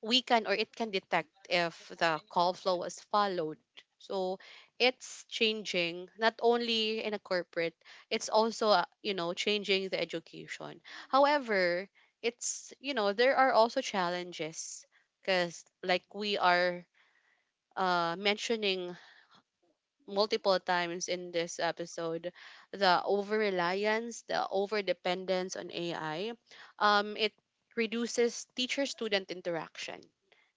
we can or it can detect if the call flow was followed. So it's changing not only in a corporate, it's also, uh, you know, changing the education. However, it's, you know, there are also challenges, because like we are uh, mentioning multiple times in this episode, the over reliance, the over dependence on A I, um, it reduces teacher student interaction,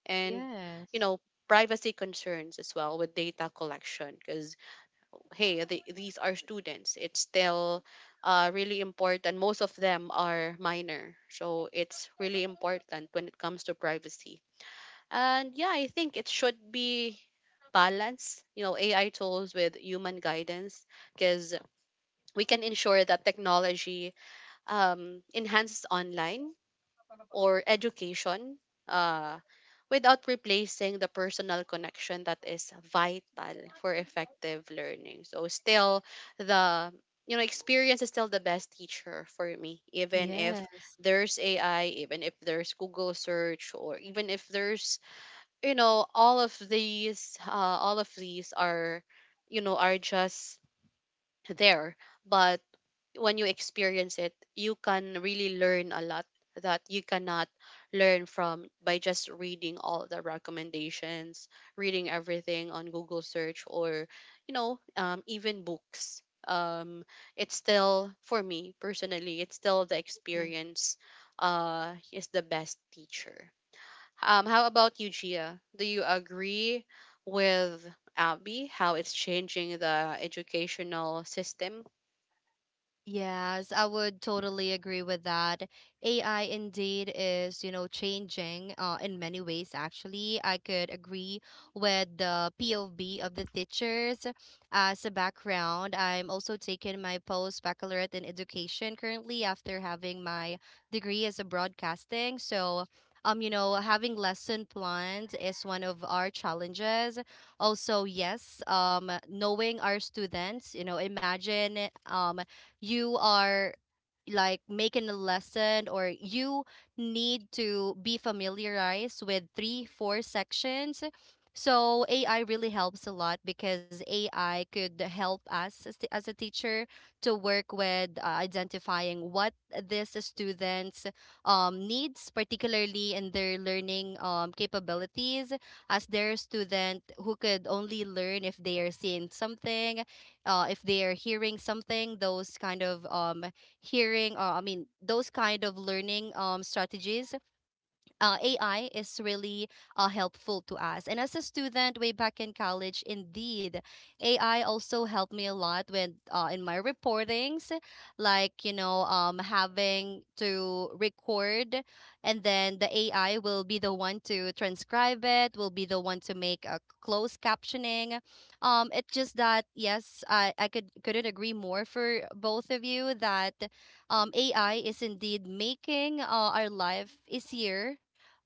and, you Yes. know, privacy concerns as well with data collection, because hey, the, these are students, it's still uh, really important. Most of them are minor, so it's really important when it comes to privacy. And yeah, I think it should be balance, you know, ai tools with human guidance, because we can ensure that technology um, enhances online or education uh, without replacing the personal connection that is vital for effective learning. So still, the, you know, experience is still the best teacher for me, even if Yes. there's A I, even if there's Google search, or even if there's, you know, all of these uh, all of these are, you know, are just there. But when you experience it, you can really learn a lot that you cannot learn from by just reading all the recommendations, reading everything on Google search, or, you know, um, even books. Um, it's still, for me personally, it's still the experience uh is the best teacher. Um, how about you, Gia? Do you agree with Abby how it's changing the educational system? Yes, I would totally agree with that. A I indeed is, you know, changing uh, in many ways, actually. I could agree with the P O V of the teachers as a background. I'm also taking my post baccalaureate in education currently after having my degree as a broadcasting. So, um, you know, having lesson plans is one of our challenges. Also, yes, um, knowing our students, you know, imagine um you are like making a lesson or you need to be familiarized with three, four sections. So A I really helps a lot because A I could help us as, the, as a teacher to work with uh, identifying what this students um, needs, particularly in their learning um, capabilities, as their student who could only learn if they are seeing something, uh, if they're hearing something, those kind of um, hearing or I mean those kind of learning um, strategies uh, A I is really uh, helpful to us. And as a student way back in college, indeed, A I also helped me a lot with uh, in my reportings, like you know, um, having to record, and then the A I will be the one to transcribe it, will be the one to make a closed captioning. Um, it's just that yes, I I could couldn't agree more for both of you that um, A I is indeed making uh, our life easier,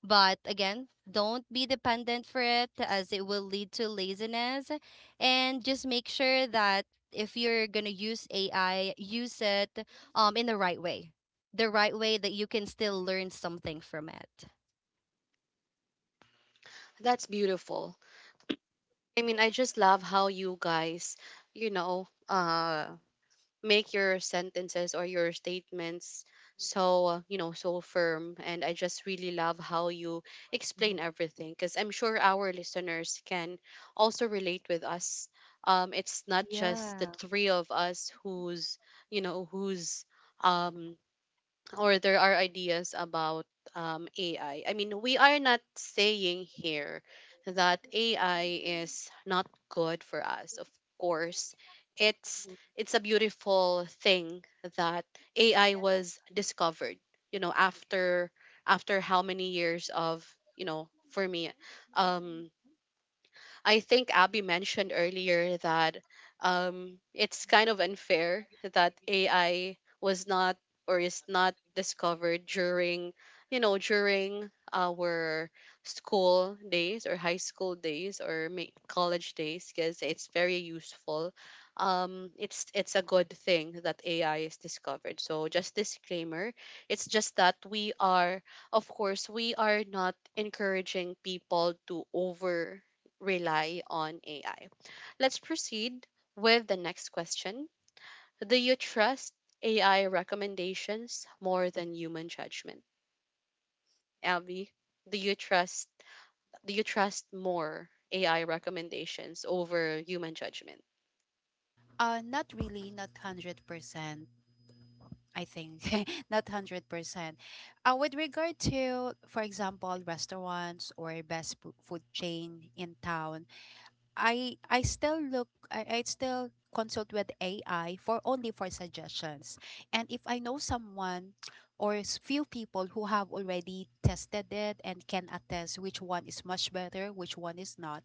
but again, don't be dependent for it as it will lead to laziness. And just make sure that if you're gonna use A I, use it um in the right way. The right way that you can still learn something from it. That's beautiful. I mean, I just love how you guys, you know, uh, make your sentences or your statements so, uh, you know, so firm. And I just really love how you explain Mhm. everything, because I'm sure our listeners can also relate with us. Um, it's not just the Yeah. three of us who's, you know, who's, um or there are ideas about um, A I. I I mean, we are not saying here that A I is not good for us. Of course, it's it's a beautiful thing that A I was discovered. You know, after after how many years of, you know, for me, um, I think Abby mentioned earlier that um, it's kind of unfair that A I was not or is not discovered during, you know, during our school days or high school days or may- college days, because it's very useful. Um, it's it's a good thing that A I is discovered. So just disclaimer, it's just that we are, of course, we are not encouraging people to over rely on A I. Let's proceed with the next question. Do you trust A I recommendations more than human judgment? Abby, do you trust do you trust more A I recommendations over human judgment? Uh, not really, not one hundred percent. I think not one hundred percent. Uh, with regard to, for example, restaurants or best fu- food chain in town, I I still look I, I still consult with A I for only for suggestions. And if I know someone or s- few people who have already tested it and can attest which one is much better, which one is not,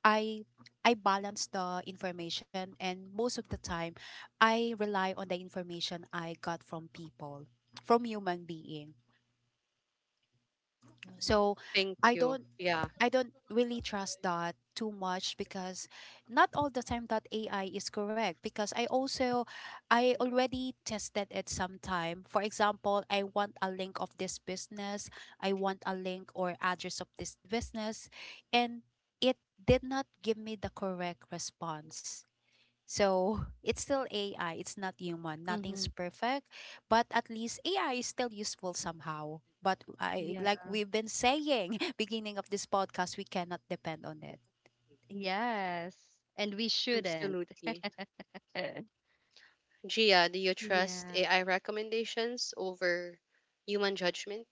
I I balance the information and most of the time I rely on the information I got from people, from human being. So Thank I you. don't Yeah, I don't really trust that too much because not all the time that A I is correct because I also I already tested it sometime. For example, I want a link of this business, I want a link or address of this business and it did not give me the correct response. So it's still A I, it's not human, Mhm, nothing's hmm perfect, but at least A I is still useful somehow. But I Yeah. like we've been saying, beginning of this podcast, we cannot depend on it. Yes. And we shouldn't. absolutely. Gia, do you trust Yeah. A I recommendations over human judgment?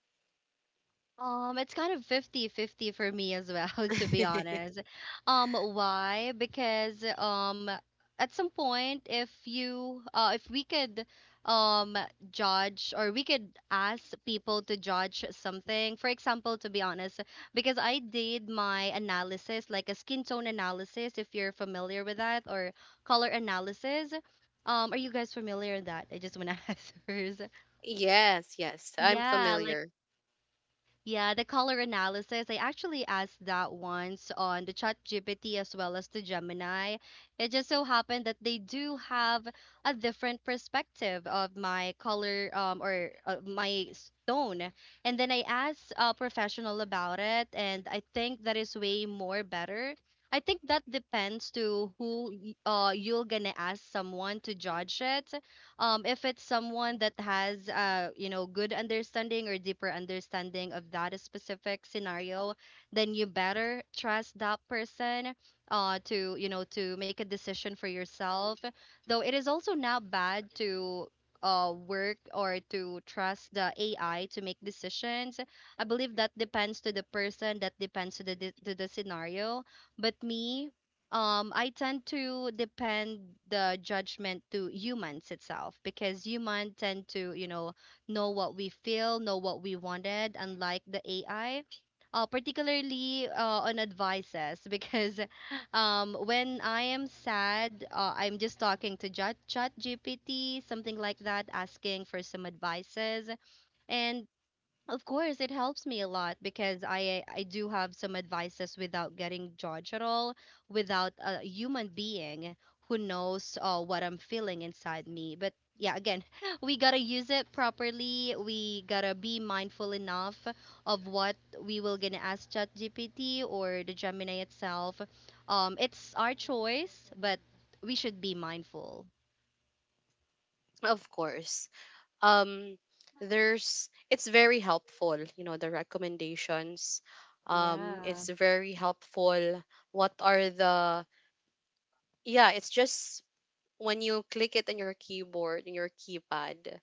Um, it's kind of fifty-fifty for me as well, to be honest. Um, why? Because um at some point if you uh if we could um judge or we could ask people to judge something. For example, to be honest, because I did my analysis, like a skin tone analysis, if you're familiar with that, or color analysis. Um, are you guys familiar with that? I just want to ask first. Yes, yes, I'm Yes. Yeah, like familiar. yeah, the color analysis. I actually asked that once on the Chat G P T as well as the Gemini. It just so happened that they do have a different perspective of my color um, or uh, my stone. And then I asked a professional about it, and I think that is way more better. I think that depends to who y- uh, you're gonna ask someone to judge it, um, if it's someone that has uh, you know good understanding or deeper understanding of that specific scenario, then you better trust that person uh, to you know to make a decision for yourself, though it is also not bad to uh, work or to trust the A I to make decisions. I believe that depends to the person, that depends to the to the scenario. But me, um I tend to depend the judgment to humans itself because human tend to, you know know what we feel, know what we wanted, unlike the AI, uh, particularly uh, on advices because um, when I am sad, uh, I'm just talking to Chat Chat G P T, something like that, asking for some advices. And of course, it helps me a lot because I I do have some advices without getting judged at all, without a human being who knows uh, what I'm feeling inside me. But yeah, again, we gotta use it properly. We gotta be mindful enough of what we will gonna ask ChatGPT or the Gemini itself. Um, it's our choice, but we should be mindful. Of course. um there's, it's very helpful, you know, the recommendations. um Yeah. It's very helpful. What are the Yeah, it's just when you click it on your keyboard, in your keypad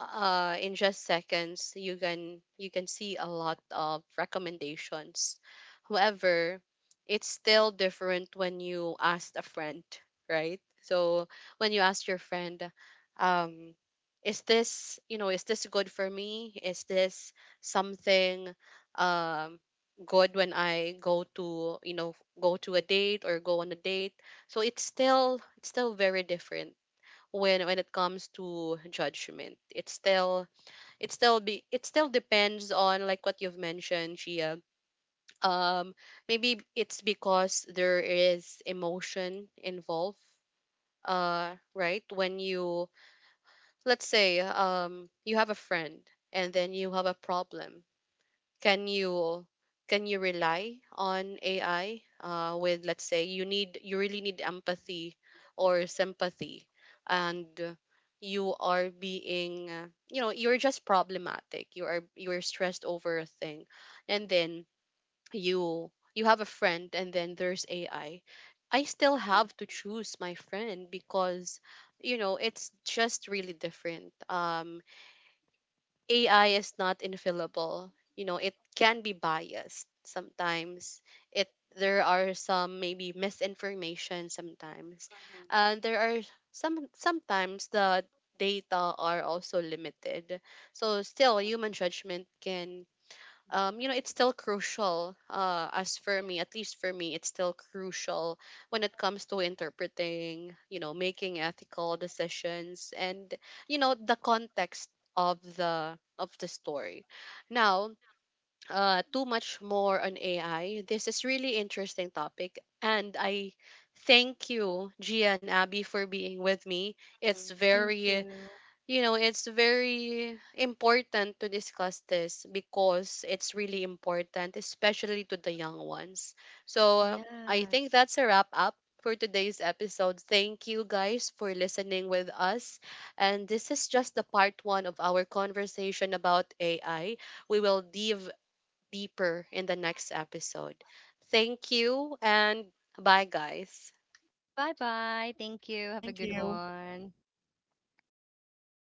uh in just seconds you can, you can see a lot of recommendations. However, it's still different when you ask a friend, right? So when you ask your friend, um is this, you know, is this good for me? Is this something um good when I go to, you know, go to a date or go on a date? So it's still, it's still very different. when when it comes to judgment, it's still, it still be it still depends on, like what you've mentioned, Gia. um Maybe it's because there is emotion involved. uh right when you, let's say, um you have a friend, and then you have a problem, can you, can you rely on A I uh, with, let's say you need you really need empathy or sympathy, and you are being, uh, you know, you're just problematic, you are you're stressed over a thing, and then you you have a friend, and then there's AI. I I still Mhm. have to choose my friend, because, you know, it's just really different. um A I is not infallible. You know, it can be biased sometimes. It There are some maybe misinformation sometimes, Mhm, and there are some, sometimes the data are also limited. So still, human judgment can, um, you know, it's still crucial. Uh, as for me, at least for me, it's still crucial when it comes to interpreting, you know, making ethical decisions, and, you know, the context of the of the story. Now, uh, too much more on A I. This is really interesting topic, and I thank you, Gia and Abby, for being with me. It's mhm. Thank very, you. you know, it's very important to discuss this because it's really important, especially to the young ones. So uh, I think Yes. that's a wrap up for today's episode. Thank you guys for listening with us. And this is just the part one of our conversation about A I. We will dive deeper in the next episode. Thank you, and bye, guys. Bye bye. Thank you. Have a Thank good you. one.